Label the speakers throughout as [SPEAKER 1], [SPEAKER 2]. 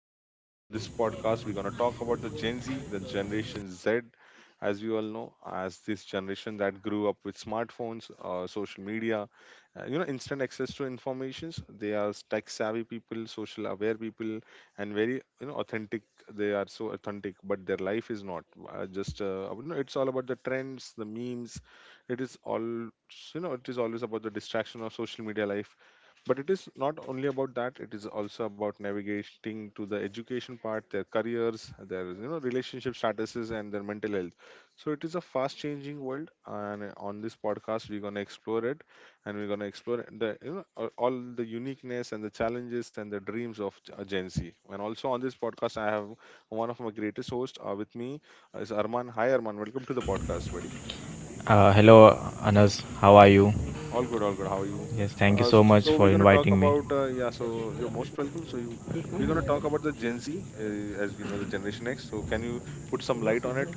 [SPEAKER 1] Anas. And on this podcast, we're going to talk about the Gen Z, the Generation Z, as we all know, as this generation that grew up with smartphones, social media, instant access to informations. They are tech savvy people, social aware people, and very, authentic. They are so authentic, but their life is not. Just, it's all about the trends, the memes. It is all, it is always about the distraction of social media life, but it is not only about that; it is also about navigating to the education part, their careers, their relationship statuses, and their mental health. So it is a fast-changing world, and on this podcast we're gonna explore it, and we're gonna explore the you know a- all the uniqueness and the challenges and the dreams of a Gen Z. And also on this podcast, I have one of my greatest hosts with me is Arman. Hi, Arman. Welcome to the podcast, buddy.
[SPEAKER 2] Hello, Anas. How are you?
[SPEAKER 1] All good, all good. How are you?
[SPEAKER 2] Yes, thank you
[SPEAKER 1] Uh,
[SPEAKER 2] so much
[SPEAKER 1] so we're
[SPEAKER 2] for
[SPEAKER 1] gonna talk
[SPEAKER 2] inviting me.
[SPEAKER 1] about yeah. So you're most welcome. We're gonna talk about the Gen Z, as we know, the Generation X. So can you put some light on it?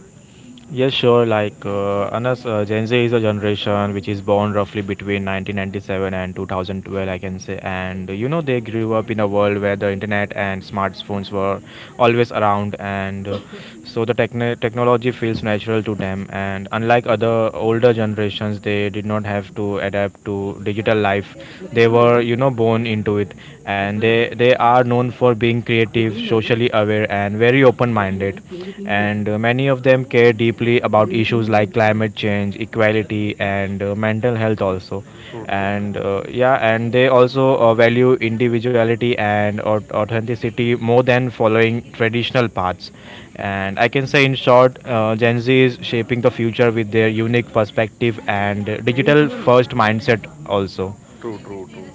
[SPEAKER 2] Yes, sure. Anas, Gen Z is a generation which is born roughly between 1997 and 2012, I can say. And you know, they grew up in a world where the internet and smartphones were always around, and technology feels natural to them. And unlike other older generations, they did not have to adapt to digital life. They were, you know, born into it, and they are known for being creative active, socially aware, and very open minded. And Many of them care deeply about issues like climate change, equality, and mental health, also.
[SPEAKER 1] True, true,
[SPEAKER 2] And they also value individuality and authenticity more than following traditional paths. And I can say, in short, Gen Z is shaping the future with their unique perspective and digital first mindset, also.
[SPEAKER 1] true, true, true.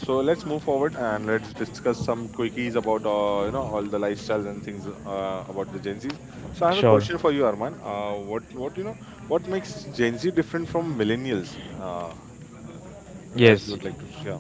[SPEAKER 1] So let's move forward and let's discuss some quickies about all the lifestyles and things about the Gen Z. So I have a
[SPEAKER 2] Sure.
[SPEAKER 1] question for you, Arman. What you know what makes Gen Z different from millennials? Uh, as you
[SPEAKER 2] Yes.
[SPEAKER 1] would like to share.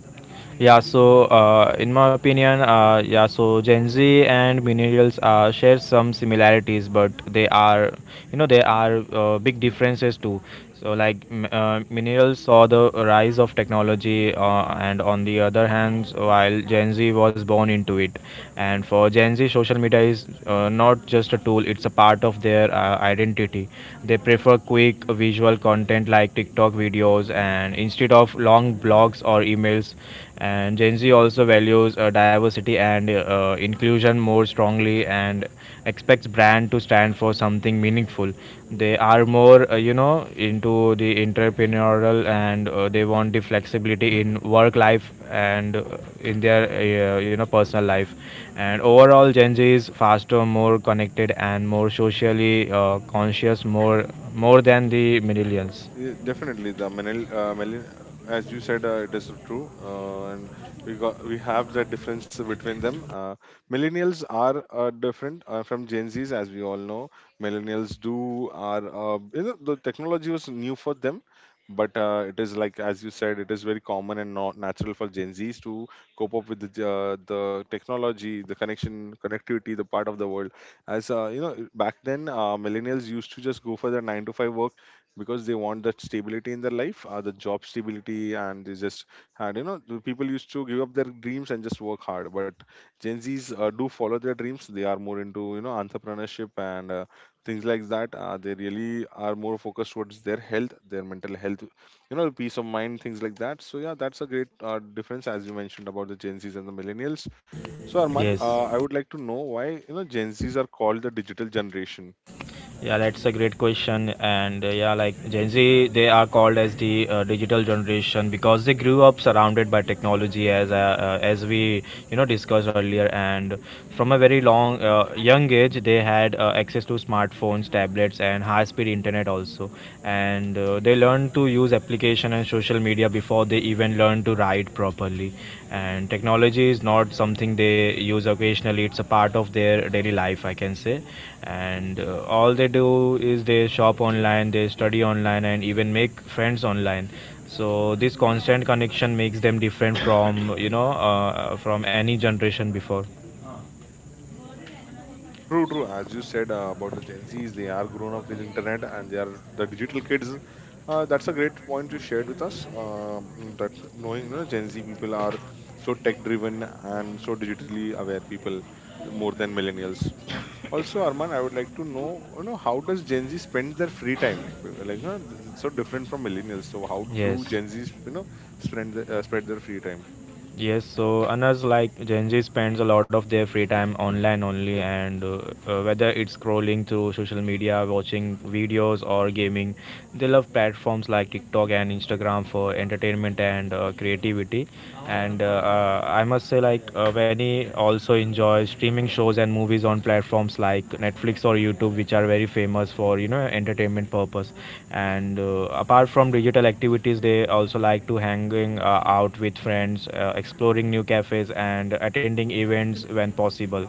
[SPEAKER 2] In my opinion, Gen Z and millennials share some similarities, but they are, you know, they are big differences too. So, millennials saw the rise of technology, and on the other hand, while Gen Z was born into it, and for Gen Z, social media is not just a tool; it's a part of their identity. They prefer quick visual content like TikTok videos, and instead of long blogs or emails. And Gen Z also values diversity and inclusion more strongly and expects brand to stand for something meaningful. They are more, into the entrepreneurial and they want the flexibility in work life and in their, personal life. And overall, Gen Z is faster, more connected, and more socially conscious, more than the millennials.
[SPEAKER 1] Yeah, definitely, the as you said, it is true, and we have that difference between them. Millennials are different from Gen Zs, as we all know. Millennials do are you know, the technology was new for them, but it is like, as you said, it is very common and not natural for Gen Zs to cope up with the technology, the connectivity, the part of the world. As, back then, millennials used to just go for their nine to five work, because they want that stability in their life, the job stability, and they just had, the people used to give up their dreams and just work hard. But Gen Zs do follow their dreams. They are more into, entrepreneurship and things like that. They really are more focused towards their health, their mental health, peace of mind, things like that. So yeah, that's a great difference, as you mentioned, about the Gen Zs and the millennials. So Arman,
[SPEAKER 2] Yes.
[SPEAKER 1] I would like to know why, Gen Zs are called the digital generation.
[SPEAKER 2] Yeah, that's a great question. Like Gen Z, they are called as the digital generation because they grew up surrounded by technology, as we you know discussed earlier. And from a very long young age, they had access to smartphones, tablets, and high-speed internet also. And They learned to use application and social media before they even learned to write properly, and technology is not something they use occasionally. It's a part of their daily life, I can say. And All they do is they shop online, they study online, and even make friends online. So this constant connection makes them different from from any generation before.
[SPEAKER 1] True, true. As you said, about the Gen Zs, they are grown up with internet and they are the digital kids. That's a great point you shared with us. Mm, that knowing you know, Gen Z people are so tech driven and so digitally aware people, more than millennials. Also, Arman, I would like to know, how does Gen Z spend their free time? Like, it's so different from millennials. So, how
[SPEAKER 2] Yes.
[SPEAKER 1] do Gen Zs, spread their free time?
[SPEAKER 2] Yes, so Anas, like Gen Z spends a lot of their free time online only, and whether it's scrolling through social media, watching videos, or gaming, they love platforms like TikTok and Instagram for entertainment and creativity. And I must say, Veni also enjoy streaming shows and movies on platforms like Netflix or YouTube, which are very famous for you know entertainment purpose. And Apart from digital activities, they also like to hanging out with friends, exploring new cafes, and attending events when possible.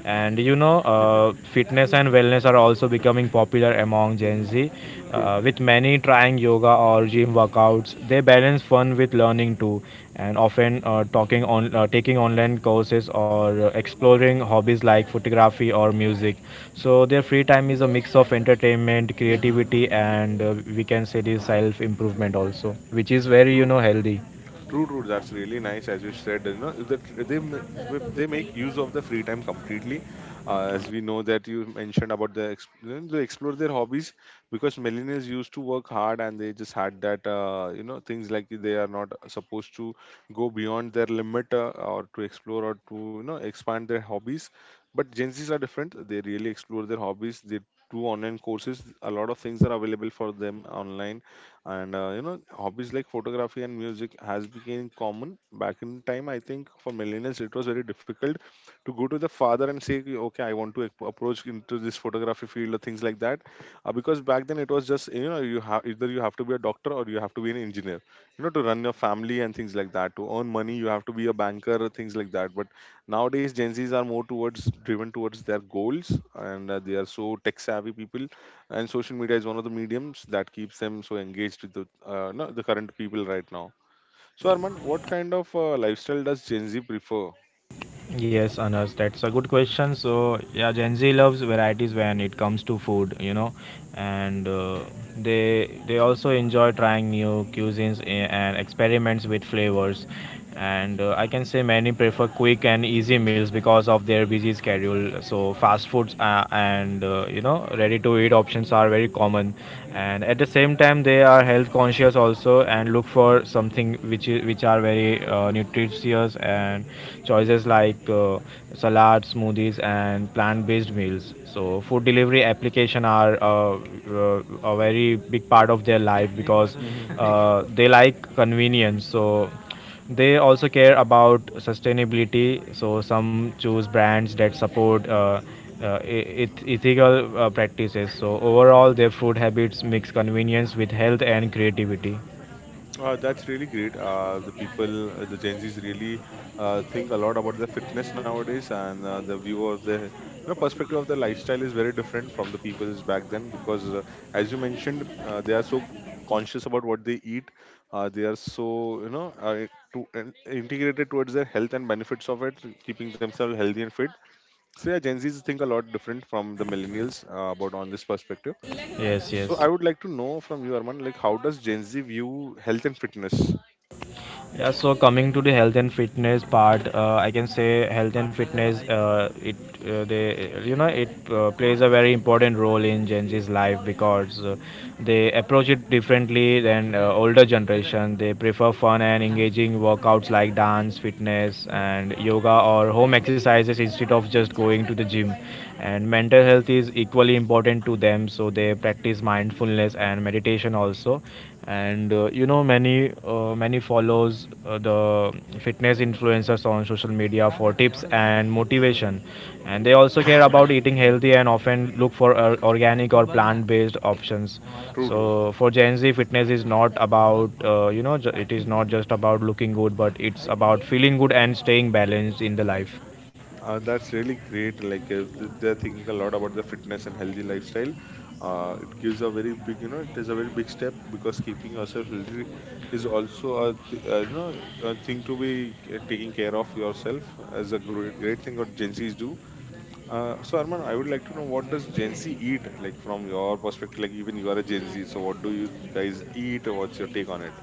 [SPEAKER 2] And you know, fitness and wellness are also becoming popular among Gen
[SPEAKER 1] Mhm.
[SPEAKER 2] Z,
[SPEAKER 1] True.
[SPEAKER 2] with many trying yoga or gym workouts. They balance fun with learning too, and often talking on taking online courses or exploring hobbies like photography or music. So their free time is a mix of entertainment,
[SPEAKER 1] Mhm.
[SPEAKER 2] creativity, and we can say the self improvement also, which is very you know healthy.
[SPEAKER 1] True, true. That's really nice, as you said. You know that they ma- they make use of the free time completely, as we know, that you mentioned about they explore their hobbies, because millennials used to work hard and they just had that, things like they are not supposed to go beyond their limit or to explore or to, expand their hobbies. But Gen Zs are different. They really explore their hobbies. They do online courses. A lot of things are available for them online, and hobbies like photography and music has become common back in time. I think for millennials it was very difficult to go to the father and say, "Okay, okay, I want to approach into this photography field or things like that." Because back then it was just, you have to be a doctor, or you have to be an engineer, to run your family and things like that, to earn money you have to be a banker or things like that. But nowadays Gen Z's are more towards driven towards their goals, and they are so tech savvy people, and social media is one of the mediums that keeps them so engaged with the no, the current people right now. So Arman, what kind of lifestyle does Gen Z prefer?
[SPEAKER 2] Yes, Anas, that's a good question. So, yeah, Gen Z loves varieties when it comes to food, you know, and they also enjoy trying new cuisines and experiments with flavors. And I can say many prefer quick and easy meals because of their busy schedule. So, fast foods and you know, ready-to-eat options are very common. And at the same time, they are health conscious also and look for something which are very nutritious and choices like salads, smoothies, and plant-based meals. So food delivery application are a very big part of their life because they like convenience. So they also care about sustainability. So some choose brands that support. E- eth- Ethical practices, so overall their food habits mix convenience with health and creativity.
[SPEAKER 1] That's really great. The Gen Zs really think a lot about the fitness nowadays, and the view of the, perspective of the lifestyle is very different from the people's back then, because, as you mentioned, they are so conscious about what they eat. They are so, integrated towards their health and benefits of it, keeping themselves healthy and fit. So yeah, Gen Zs think a lot different from the millennials, about on this perspective.
[SPEAKER 2] Yes,
[SPEAKER 1] So
[SPEAKER 2] yes.
[SPEAKER 1] I would like to know from you, Arman, like, how does Gen Z view health and fitness?
[SPEAKER 2] Yeah, so coming to the health and fitness part, I can say health and fitness, it they you know it plays a very important role in Gen Z's life because they approach it differently than older generation. They prefer fun and engaging workouts like dance, fitness, and yoga or home exercises instead of just going to the gym. And mental health is equally important to them, so they practice mindfulness and meditation also, and many follows the fitness influencers on social media for tips and
[SPEAKER 1] Mm-hmm.
[SPEAKER 2] motivation, and they also care about eating healthy and often look for organic or plant based options.
[SPEAKER 1] True, true.
[SPEAKER 2] So for Gen Z, fitness is not about it is not just about looking good, but it's about feeling good and staying balanced in the life.
[SPEAKER 1] That's really great. Like, if they're thinking a lot about the fitness and healthy lifestyle, it is a very big step, because keeping yourself healthy is also a, th- you know, a thing to be taking care of yourself, as a great, great thing what Gen Zs do. So Arman, I would like to know, what does Gen Z eat? Like, from your perspective, like, even you are a Gen Z, so what do you guys eat? What's your take on it?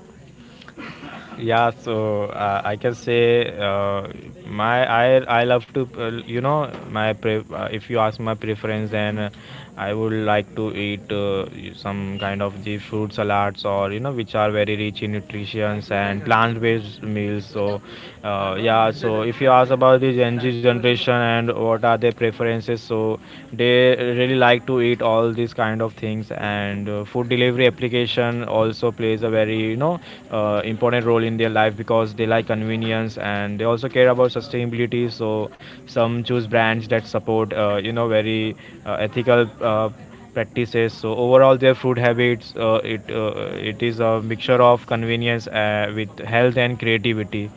[SPEAKER 2] I can say, my I love to, if you ask my preference, then I would like to eat some kind of the fruit salads or you know which are very rich in nutrients and plant based meals. So yeah, so if you ask about the Gen Z generation and what are their preferences, so they really like to eat all these kind of things, and food delivery application also plays a very you know important role in their life because they like convenience, and they also care about sustainability. So some choose brands that support you know very ethical uh, practices. So overall their food habits, it is a mixture of convenience with health and creativity.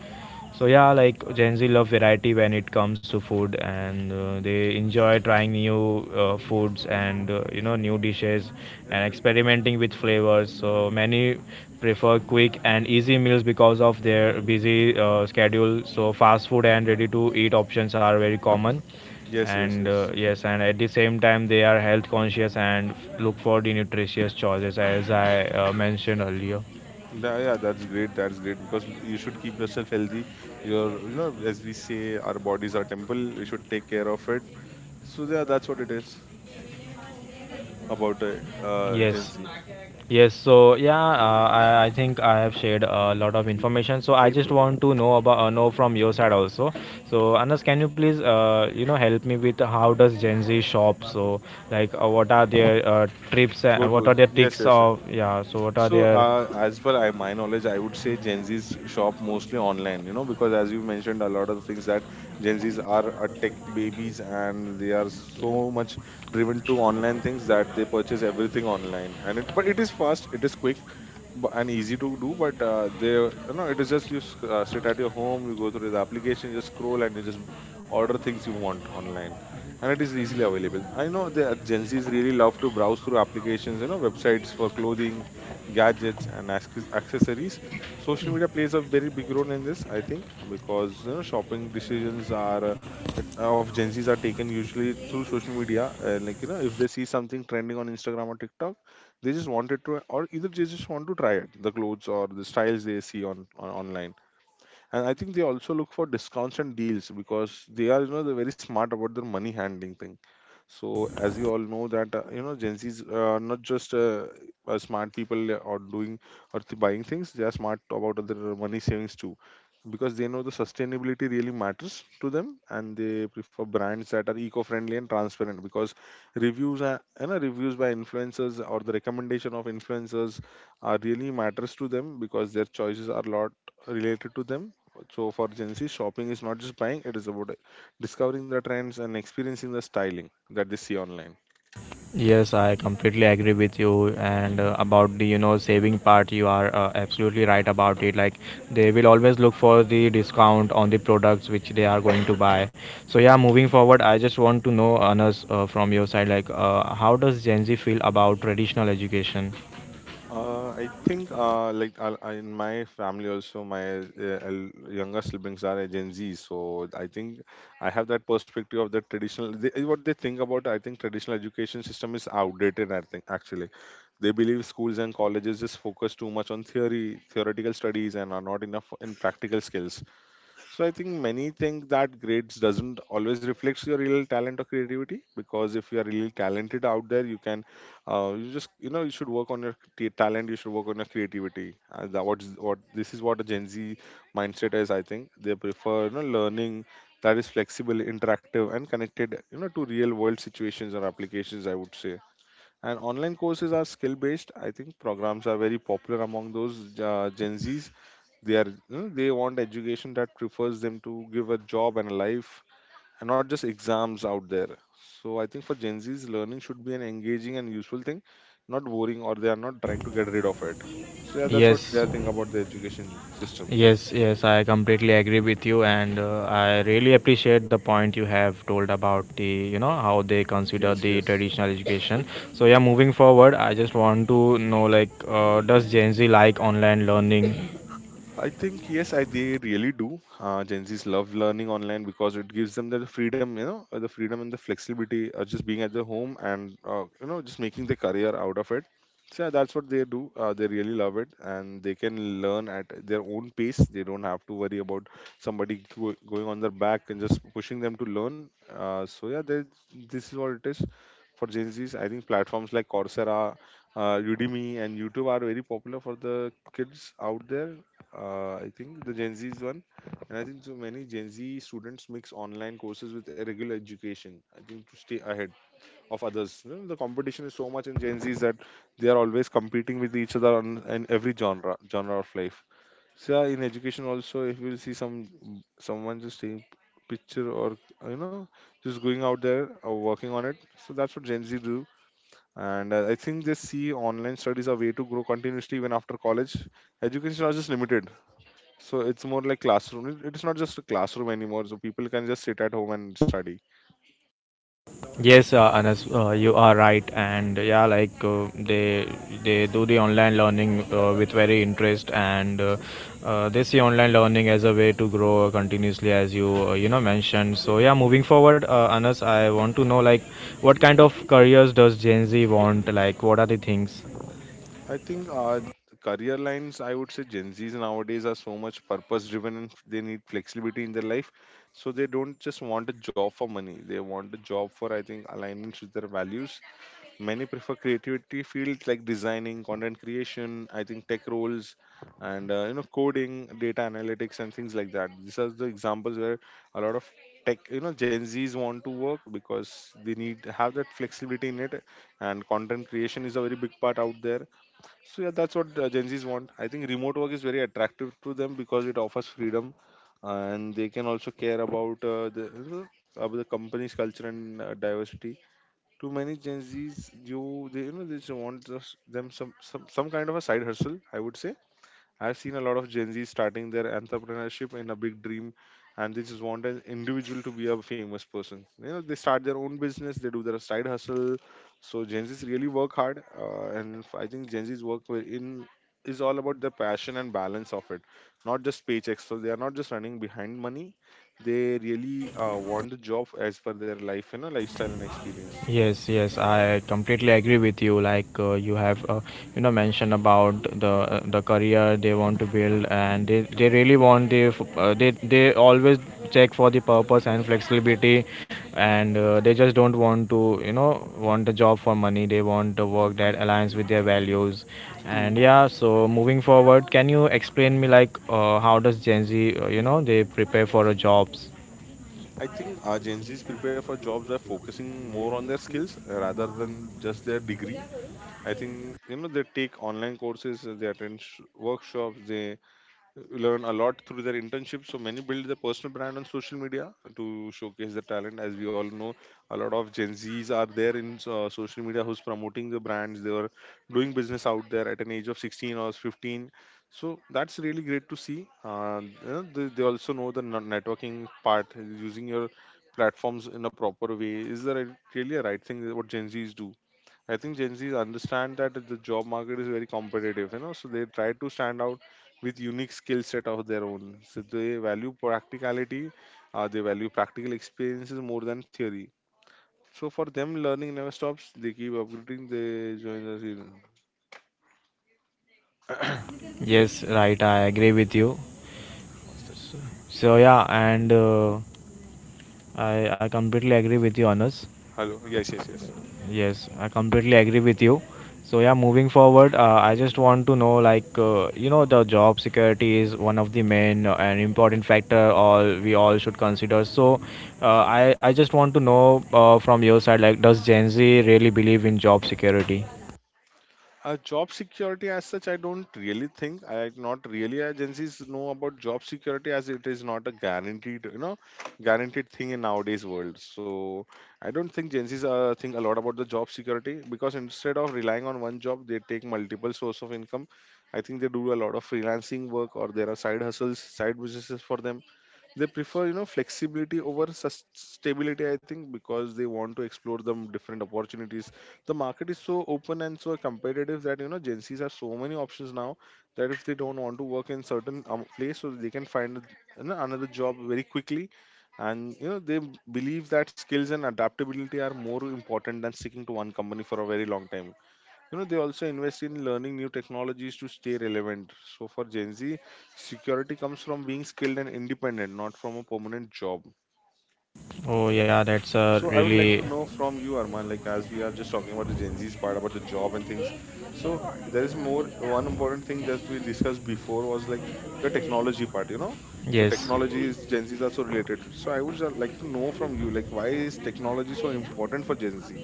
[SPEAKER 2] So yeah, like Gen Z love variety when it comes to food, and they enjoy trying new foods and you know new dishes and experimenting with flavors. So many prefer quick and easy meals because of their busy schedule. So fast food and ready-to-eat options are very common,
[SPEAKER 1] Yes, yes,
[SPEAKER 2] and
[SPEAKER 1] yes.
[SPEAKER 2] yes, and at the same time they are health conscious and look for the nutritious choices as I mentioned earlier.
[SPEAKER 1] Yeah, yeah, that's great. That's great because you should keep yourself healthy. As we say, our bodies are temple. We should take care of it. So yeah, that's what it is about, Gen
[SPEAKER 2] Yes.
[SPEAKER 1] Z.
[SPEAKER 2] Yes, so yeah, I think I have shared a lot of information. So I
[SPEAKER 1] True,
[SPEAKER 2] just
[SPEAKER 1] true.
[SPEAKER 2] want to know about know from your side also. So Anas, can you please you know help me with how does Gen Z shop? So like what are their trips?
[SPEAKER 1] Go
[SPEAKER 2] And what
[SPEAKER 1] to
[SPEAKER 2] are their
[SPEAKER 1] Yes,
[SPEAKER 2] tricks
[SPEAKER 1] yes, sir.
[SPEAKER 2] of yeah? So what are
[SPEAKER 1] So,
[SPEAKER 2] their
[SPEAKER 1] as per my knowledge, I would say Gen Z's shop mostly online. Because as you mentioned, a lot of things that Gen Z's are tech babies, and they are so much driven to online things that they purchase everything online. But it is fast. It is quick and easy to do, but they you know it is just, you sit at your home, you go through the application, just scroll, and you just order things you want online, and it is easily available. I know the Gen Z's really love to browse through applications, websites for clothing, gadgets, and accessories. Social media plays a very big role in this, I think, because, shopping decisions are, of Gen Z's are taken usually through social media, like, if they see something trending on Instagram or TikTok, they just wanted to, or either they just want to try it, the clothes or the styles they see on, online. And I think they also look for discounts and deals, because they're very smart about their money handling thing. So as we all know that, Gen Zs are not just smart people or doing or th- buying things; they are smart about their money savings too, because they know the sustainability really matters to them, and they prefer brands that are eco-friendly and transparent. Because reviews are you know reviews by influencers or the recommendation of influencers are really matters to them, because their choices are lot related to them. So for Gen Z, shopping is not just buying; it is about discovering the trends and experiencing the styling that they see online.
[SPEAKER 2] Yes, I completely agree with you. And about the you know saving part, you are absolutely right about it. Like they will always look for the discount on the products which they are going to buy. So yeah, moving forward, I just want to know, Anas, from your side, like how does Gen Z feel about traditional education?
[SPEAKER 1] I think, like, in my family also, my younger siblings are a Gen Z, so I think I have that perspective of the traditional. What they think about, I think traditional education system is outdated. I think actually, they believe schools and colleges just focus too much on theoretical studies, and are not enough in practical skills. So I think many think that grades doesn't always reflects your real talent or creativity, because if you are really talented out there, you can, you should work on your talent, you should work on your creativity. That what this is what a Gen Z mindset is. I think they prefer learning that is flexible, interactive, and connected to real world situations or applications, I would say. And online courses are skill based. I think programs are very popular among those Gen Zs. They they want education that prefers them to give a job and a life and not just exams out there. So I think for Gen Z's learning should be an engaging and useful thing, not boring or they are not trying to get rid of it. So yeah, that's what they
[SPEAKER 2] Yes.
[SPEAKER 1] are thinking about the education system.
[SPEAKER 2] Yes, yes, I completely agree with you, and I really appreciate the point you have told about the, you know, how they consider
[SPEAKER 1] Yes,
[SPEAKER 2] the
[SPEAKER 1] yes.
[SPEAKER 2] traditional education. So yeah, moving forward, I just want to know like, does Gen Z like online learning?
[SPEAKER 1] I think yes, I they really do. Gen Z's love learning online because it gives them the freedom, the freedom and the flexibility of just being at the home and just making the career out of it. So yeah, that's what they do. They really love it, and they can learn at their own pace. They don't have to worry about somebody going on their back and just pushing them to learn. Uh, so yeah, they, this is what it is for Gen Z's. I think platforms like Coursera, Udemy, and YouTube are very popular for the kids out there. I think the Gen Z's one, and I think so many Gen Z students mix online courses with irregular education. I think to stay ahead of others. You know, the competition is so much in Gen Z's that they are always competing with each other in every genre of life. So yeah, in education also, if you will see someone just taking picture or you know just going out there or working on it, so that's what Gen Z do. And I think they see online studies a way to grow continuously even after college. Education is not just limited, so it's more like classroom. It's not just a classroom anymore. So people can just sit at home and study.
[SPEAKER 2] Yes, Anas, you are right, and yeah, like they do the online learning with very interest, and they see online learning as a way to grow continuously, as you you know mentioned. So yeah, moving forward,
[SPEAKER 1] Mm.
[SPEAKER 2] Anas, I want to know like what kind of careers does Gen Z want? Like, what are the things?
[SPEAKER 1] I think, career lines, I would say Gen Zs nowadays are so much purpose driven and they need flexibility in their life. So they don't just want a job for money. They want a job for, I think, alignment with their values. Many prefer creativity fields like designing, content creation, I think tech roles, and coding, data analytics, and things like that. These are the examples where a lot of tech, you know, Gen Zs want to work because they need have that flexibility in it, and content creation is a very big part out there. So yeah, that's what Gen Zs want. I think remote work is very attractive to them because it offers freedom, and they can also care about about the company's culture and diversity. To many Gen Zs, you they you know they just want just them some kind of a side hustle, I would say. I've seen a lot of Gen Zs starting their entrepreneurship in a big dream, and they just want an individual to be a famous person. You know, they start their own business, they do their side hustle. So Gen Zs really work hard, and I think Gen Zs work wi- in is all about the passion and balance of it, not just paychecks. So they are not just running behind money. They really want the job as per their life, you know, lifestyle and experience.
[SPEAKER 2] Yes, yes, I completely agree with you. You know, mentioned about the career they want to build, and they really want they always check for the purpose and flexibility, and they just don't want to you know want a job for money. They want a work that aligns with their values,
[SPEAKER 1] True.
[SPEAKER 2] and yeah. So moving forward, can you explain me like how does Gen Z you know they prepare for a jobs?
[SPEAKER 1] I think our Gen Zs prepare for jobs by focusing more on their skills rather than just their degree. I think you know they take online courses, they attend workshops, they learn a lot through their internship. So many build their personal brand on social media to showcase their talent. As we all know, a lot of Gen Zs are there in social media who's promoting the brands. They are doing business out there at an age of 16 or 15. So that's really great to see. You know, they also know the networking part. Using your platforms in a proper way is the really a right thing that what Gen Zs do. I think Gen Zs understand that the job market is very competitive, you know, so they try to stand out with unique skill set of their own. So they value practicality, they value practical experiences more than theory. So for them, learning never stops. They keep upgrading. They join the student
[SPEAKER 2] Yes, right, I agree with you.
[SPEAKER 1] study.
[SPEAKER 2] So yeah, and I completely agree with you, Anas.
[SPEAKER 1] Hello. Yes. Yes. Yes.
[SPEAKER 2] Yes, I completely agree with you. So yeah, moving forward, I just want to know like you know the job security is one of the main and important factor all we all should consider. So I just want to know from your side like does Gen Z really believe in job security?
[SPEAKER 1] Job security as such, I don't really think. I not really agencies know about job security as it is not a guaranteed, you know, guaranteed thing in nowadays world. So I don't think agencies think a lot about the job security because instead of relying on one job, they take multiple source of income. I think they do a lot of freelancing work or there are side hustles, side businesses for them. They prefer flexibility over stability, I think, because they want to explore the different opportunities. The market is so open and so competitive that you know Gen Z's have so many options now that if they don't want to work in certain place, so they can find, you know, another job very quickly. And you know they believe that skills and adaptability are more important than sticking to one company for a very long time. You know they also invest in learning new technologies to stay relevant. So for Gen Z, security comes from being skilled and independent, not from a permanent job.
[SPEAKER 2] Oh yeah, that's a
[SPEAKER 1] So I would like
[SPEAKER 2] really
[SPEAKER 1] to know from you Arman, like as we are just talking about the Gen Z's part about the job and things, so there is more one important thing that we discussed before was like the technology part, you know. So
[SPEAKER 2] yes.
[SPEAKER 1] technology is Gen Z's are so related, so I would just like to know from you like why is technology so important for Gen Z.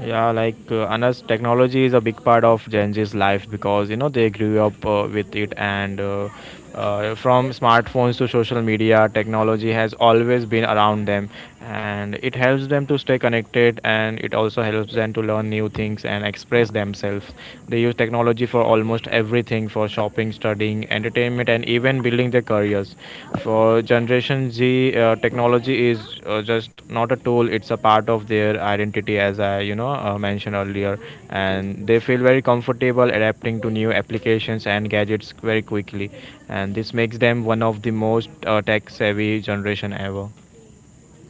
[SPEAKER 2] Yeah, like Anas, technology is a big part of Gen Z's life because you know they grew up with it, and from smartphones to social media, technology has always been around them, and it helps them to stay connected, and it also helps them to learn new things and express themselves. They use technology for almost everything, for shopping, studying, entertainment, and even building their careers. For Generation Z, technology is just not a tool; it's a part of their identity, as I you know mentioned earlier,
[SPEAKER 1] Yes,
[SPEAKER 2] and they
[SPEAKER 1] yes.
[SPEAKER 2] feel very comfortable adapting to new applications and gadgets very quickly, and this makes them one of the most tech-savvy generation ever.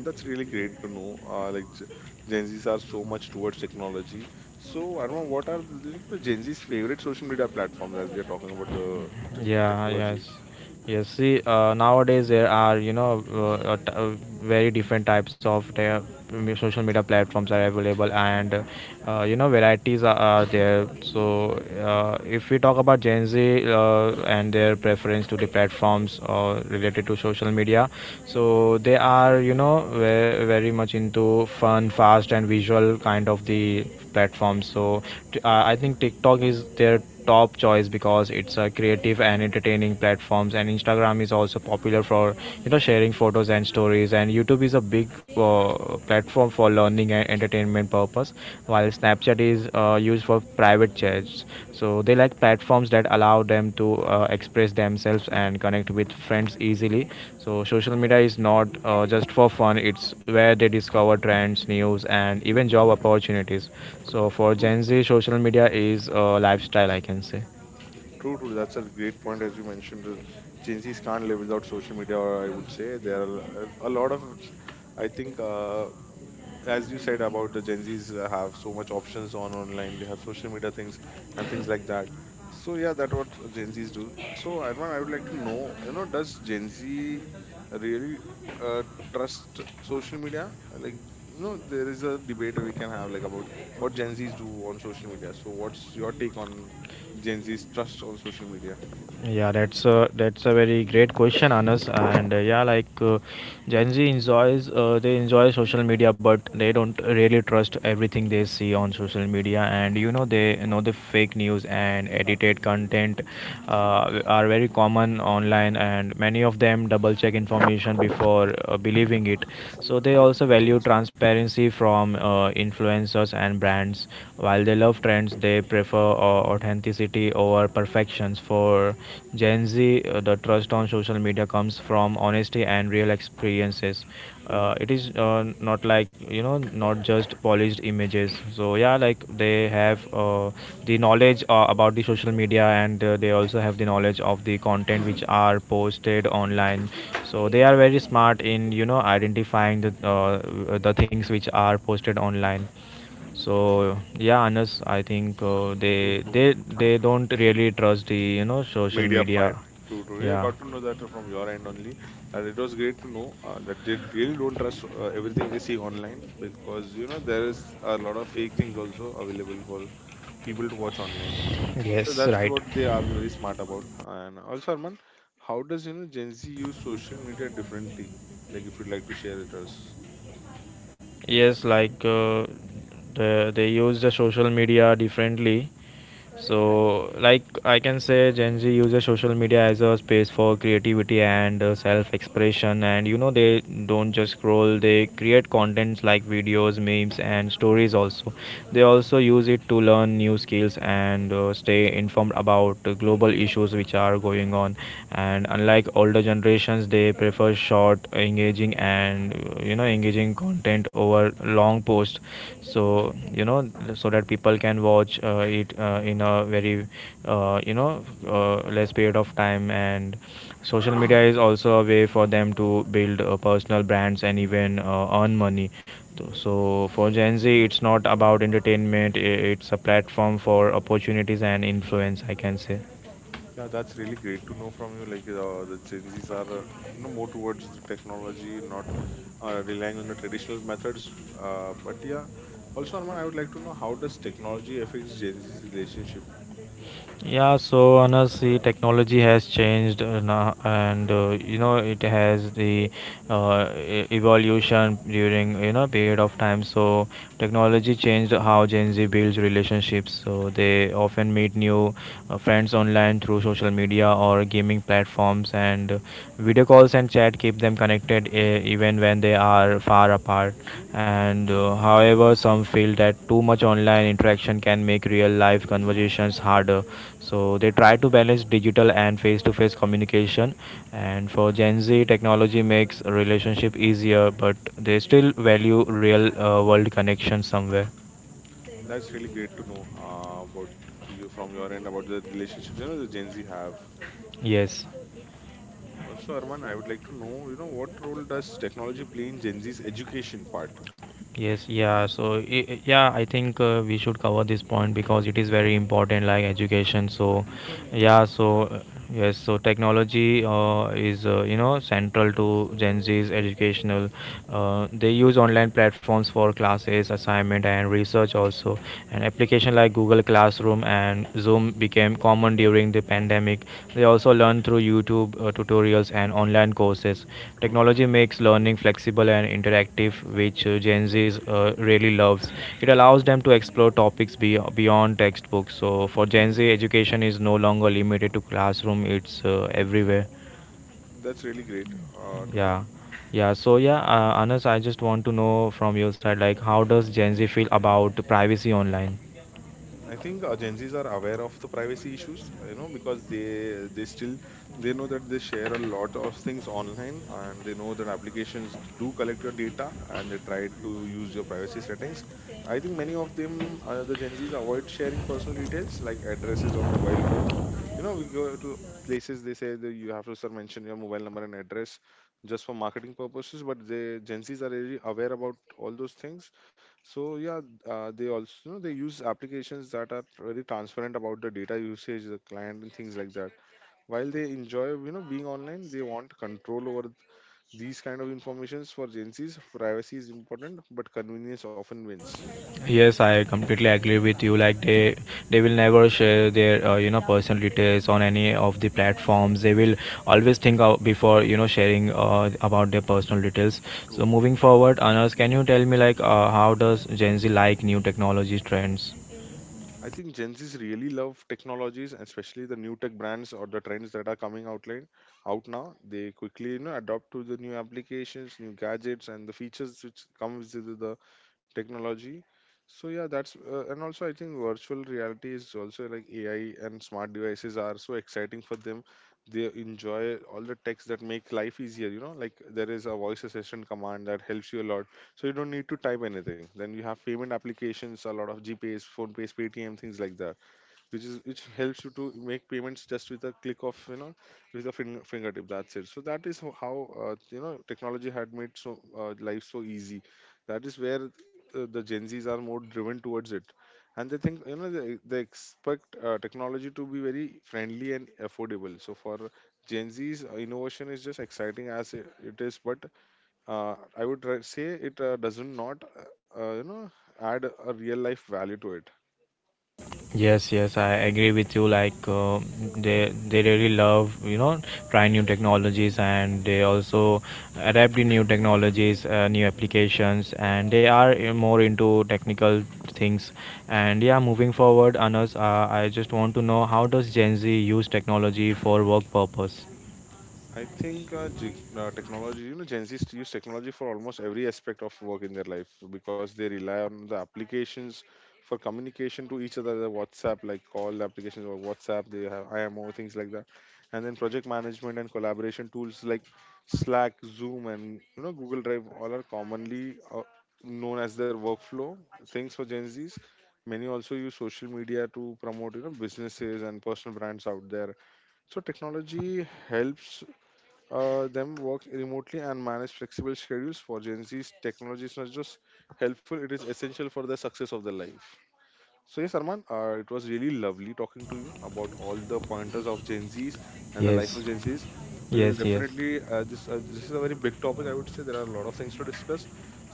[SPEAKER 1] That's really great to know. Like Gen Zs are so much towards technology. So I don't know what are the like, the Gen Z's favorite social media platforms as we are talking about the
[SPEAKER 2] Yeah,
[SPEAKER 1] technology.
[SPEAKER 2] yes. Yes, see, nowadays there are, you know, very different types of the social media platforms are available and, you know, varieties are there. So, if we talk about Gen Z and their preference to the platforms related to social media, so they are, you know, very much into fun, fast, and visual kind of the platforms. So, I think TikTok is their top choice because it's a creative and entertaining platforms, and Instagram is also popular for you know sharing photos and stories, and YouTube is a big platform for learning and entertainment purpose, while Snapchat is used for private chats. So they like platforms that allow them to express themselves and connect with friends easily. So social media is not just for fun. It's where they discover trends, news, and even job opportunities. So for Gen Z, social media is a lifestyle, I can say.
[SPEAKER 1] True, true. That's a great point as you mentioned. Gen Zs can't live without social media. Or I would say there are a lot of, I think, as you said about the Gen Zs have so much options on online, they have social media things and things like that. So yeah, that what Gen Zs do. So Arman, I would like to know, you know, does Gen Z really uh, trust social media? Like, you know, there is a debate we can have like about what Gen Zs do on social media. So what's your take on Gen Z's trust on social media?
[SPEAKER 2] Yeah, that's a very great question, Anas. And yeah, like Gen Z enjoys they enjoy social media, but they don't really trust everything they see on social media. And you know they know the fake news and edited content are very common online, and many of them double check information before believing it. So they also
[SPEAKER 1] No,
[SPEAKER 2] value
[SPEAKER 1] so-
[SPEAKER 2] transparency from influencers and brands. While they love trends, they prefer
[SPEAKER 1] Mhm.
[SPEAKER 2] authenticity over perfections. For Gen Z, the trust on social media comes from honesty and real experiences.
[SPEAKER 1] True,
[SPEAKER 2] It is not like you know, not just polished images. So yeah, like they have the knowledge about the social media, and they also have the knowledge of the content which are posted online. So they are very smart in you know identifying the the things which are posted online. So yeah, Anas, I think uh,
[SPEAKER 1] true,
[SPEAKER 2] they
[SPEAKER 1] true.
[SPEAKER 2] they they don't really trust the you know social
[SPEAKER 1] Media
[SPEAKER 2] media.
[SPEAKER 1] part. True, true.
[SPEAKER 2] Mhm.
[SPEAKER 1] Yeah, I
[SPEAKER 2] Yeah.
[SPEAKER 1] got to know that from your end only. And it was great to know that they really don't trust everything they see online because you know there is a lot of fake things also available for people to watch online. So
[SPEAKER 2] Yes,
[SPEAKER 1] that's
[SPEAKER 2] right.
[SPEAKER 1] what they are very smart about. And also, Arman, how does you know Gen Z use social media differently? Like, if you'd like to share with us.
[SPEAKER 2] Yes, like they use the social media differently. So, like I can say, Gen Z uses social media as a space for creativity and self-expression. And you know, they don't just scroll; they create contents like videos, memes, and stories. Also, they also use it to learn new skills and stay informed about global issues which are going on. And unlike older generations, they prefer short, engaging, and you know engaging content over long post, so you know so that people can watch it in a very you know less period of time. And social media is also a way for them to build personal brands and even earn money. So for Gen Z, it's not about entertainment; it's a platform for opportunities and influence, I can say.
[SPEAKER 1] Yeah, that's really great to know from you. Like the Gen Zs are, you know, more towards the technology, not relying on the traditional methods. But yeah, also Arman, I would like to know how does technology affects Gen Z's relationship?
[SPEAKER 2] Yeah, so honestly, technology has changed, and you know it has the evolution during you know period of time. So technology changed how Gen Z builds relationships. So they often meet new friends online through social media or gaming platforms, and video calls and chat keep them connected even when they are far apart. And however, some feel that too much online interaction can make real life conversations harder, so they try to balance digital and face to face communication. And for Gen Z, technology makes a relationship easier, but they still value real world connection somewhere.
[SPEAKER 1] That's really great to know about you from your end about the relationships you know the Gen Z have.
[SPEAKER 2] Yes.
[SPEAKER 1] Also, Arman, I would like to know you know what role does technology play in Gen Z's education part?
[SPEAKER 2] Yes, yeah. So, yeah, I think we should cover this point because it is very important, like education. So, yeah, so yes, so technology is you know central to Gen Z's educational. They use online platforms for classes assignment and research also, and application like Google Classroom and Zoom became common during the pandemic. They also learn through YouTube tutorials and online courses.
[SPEAKER 1] True, true.
[SPEAKER 2] Technology makes learning flexible and interactive, which Gen Z really loves. It allows them to explore topics beyond textbooks. So for Gen
[SPEAKER 1] Mhm.
[SPEAKER 2] Z, education is no longer limited to classroom; it's everywhere.
[SPEAKER 1] That's really great to know.
[SPEAKER 2] Yeah, yeah. So yeah, Anas, I just want to know from your side, like, how does Gen Z feel about privacy online?
[SPEAKER 1] I think Gen Zs are aware of the privacy issues, you know, because they still they know that they share a lot of things online, and they know that applications do collect your data, and they try to use your privacy settings. I think many of them, the Gen Zs, avoid sharing personal details like addresses or mobile phones. You know, we go to places they say that you have to sir mention your mobile number and address just for marketing purposes, but the Gen Zs are really aware about all those things. So yeah, they also they use applications that are very transparent about the data usage, the client, and things like that. While they enjoy you know being online, they want control over these kind of informations. For Gen Zs, privacy is important, but convenience often wins.
[SPEAKER 2] Yes, I completely agree with you. Like they will never share their you know personal details on any of the platforms. They will always think out before you know sharing about their personal details. So moving forward, Anas, can you tell me like how does Gen Z like new technology trends?
[SPEAKER 1] I think Gen Z's really love technologies, and especially the new tech brands or the trends that are coming out like, out now. They quickly you know adopt to the new applications, new gadgets, and the features which comes with the technology. So yeah, that's and also I think virtual reality is also like AI and smart devices are so exciting for them. They enjoy all the techs that make life easier. You know, like there is a voice assistant command that helps you a lot, so you don't need to type anything. Then you have payment applications, a lot of GPays, PhonePays, Paytm, things like that, which is which helps you to make payments just with a click of, you know, with a finger, fingertip, that's it. So that is how you know technology had made so life so easy. That is where the Gen Z's are more driven towards it, and they think you know they expect technology to be very friendly and affordable. So for Gen Z's, innovation is just exciting as it it is, but I would say it doesn't not, you know, add a real life value to it.
[SPEAKER 2] Yes, yes, I agree with you. Like they really love you know trying new technologies, and they also adapt to new technologies, new applications, and they are more into technical things. And yeah, moving forward, Anas, I just want to know how does Gen Z use technology for work purpose?
[SPEAKER 1] I think technology, you know, Gen Z's use technology for almost every aspect of work in their life because they rely on the applications for communication to each other, the WhatsApp, like call applications or WhatsApp, they have IMO, things like that. And then project management and collaboration tools like Slack, Zoom, and, you know, Google Drive all are commonly known as their workflow things for Gen Z's. Many also use social media to promote, you know, businesses and personal brands out there. So technology helps them work remotely and manage flexible schedules. For Gen Z's, technology is not just helpful, it is essential for the success of their life. So yes, Arman, it was really lovely talking to you about all the pointers of Gen Zs and the life
[SPEAKER 2] Yes,
[SPEAKER 1] of Gen Zs. We'll
[SPEAKER 2] yes, yes,
[SPEAKER 1] definitely this is a very big topic. I would say there are a lot of things to discuss.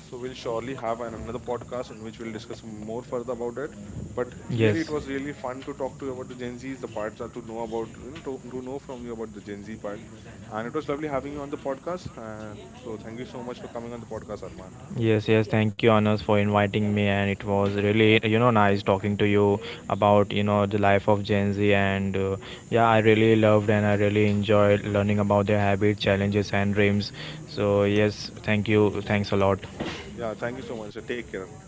[SPEAKER 1] So we'll surely have another podcast in which we'll discuss more further about it. But really,
[SPEAKER 2] yes.
[SPEAKER 1] it was really fun to talk to you about the Gen Zs, the parts are to know about you know, to know from you about the Gen Z part. And it was lovely having you on the podcast. So thank you so much for coming on the podcast, Arman.
[SPEAKER 2] Yes, yes, thank you, Anas, for inviting me, and it was really, you know, nice talking to you about, you know, the life of Gen Z, and yeah, I really loved and I really enjoyed learning about their habits, challenges, and dreams. So yes, thank you, thanks a lot.
[SPEAKER 1] Yeah, thank you so much. Take care.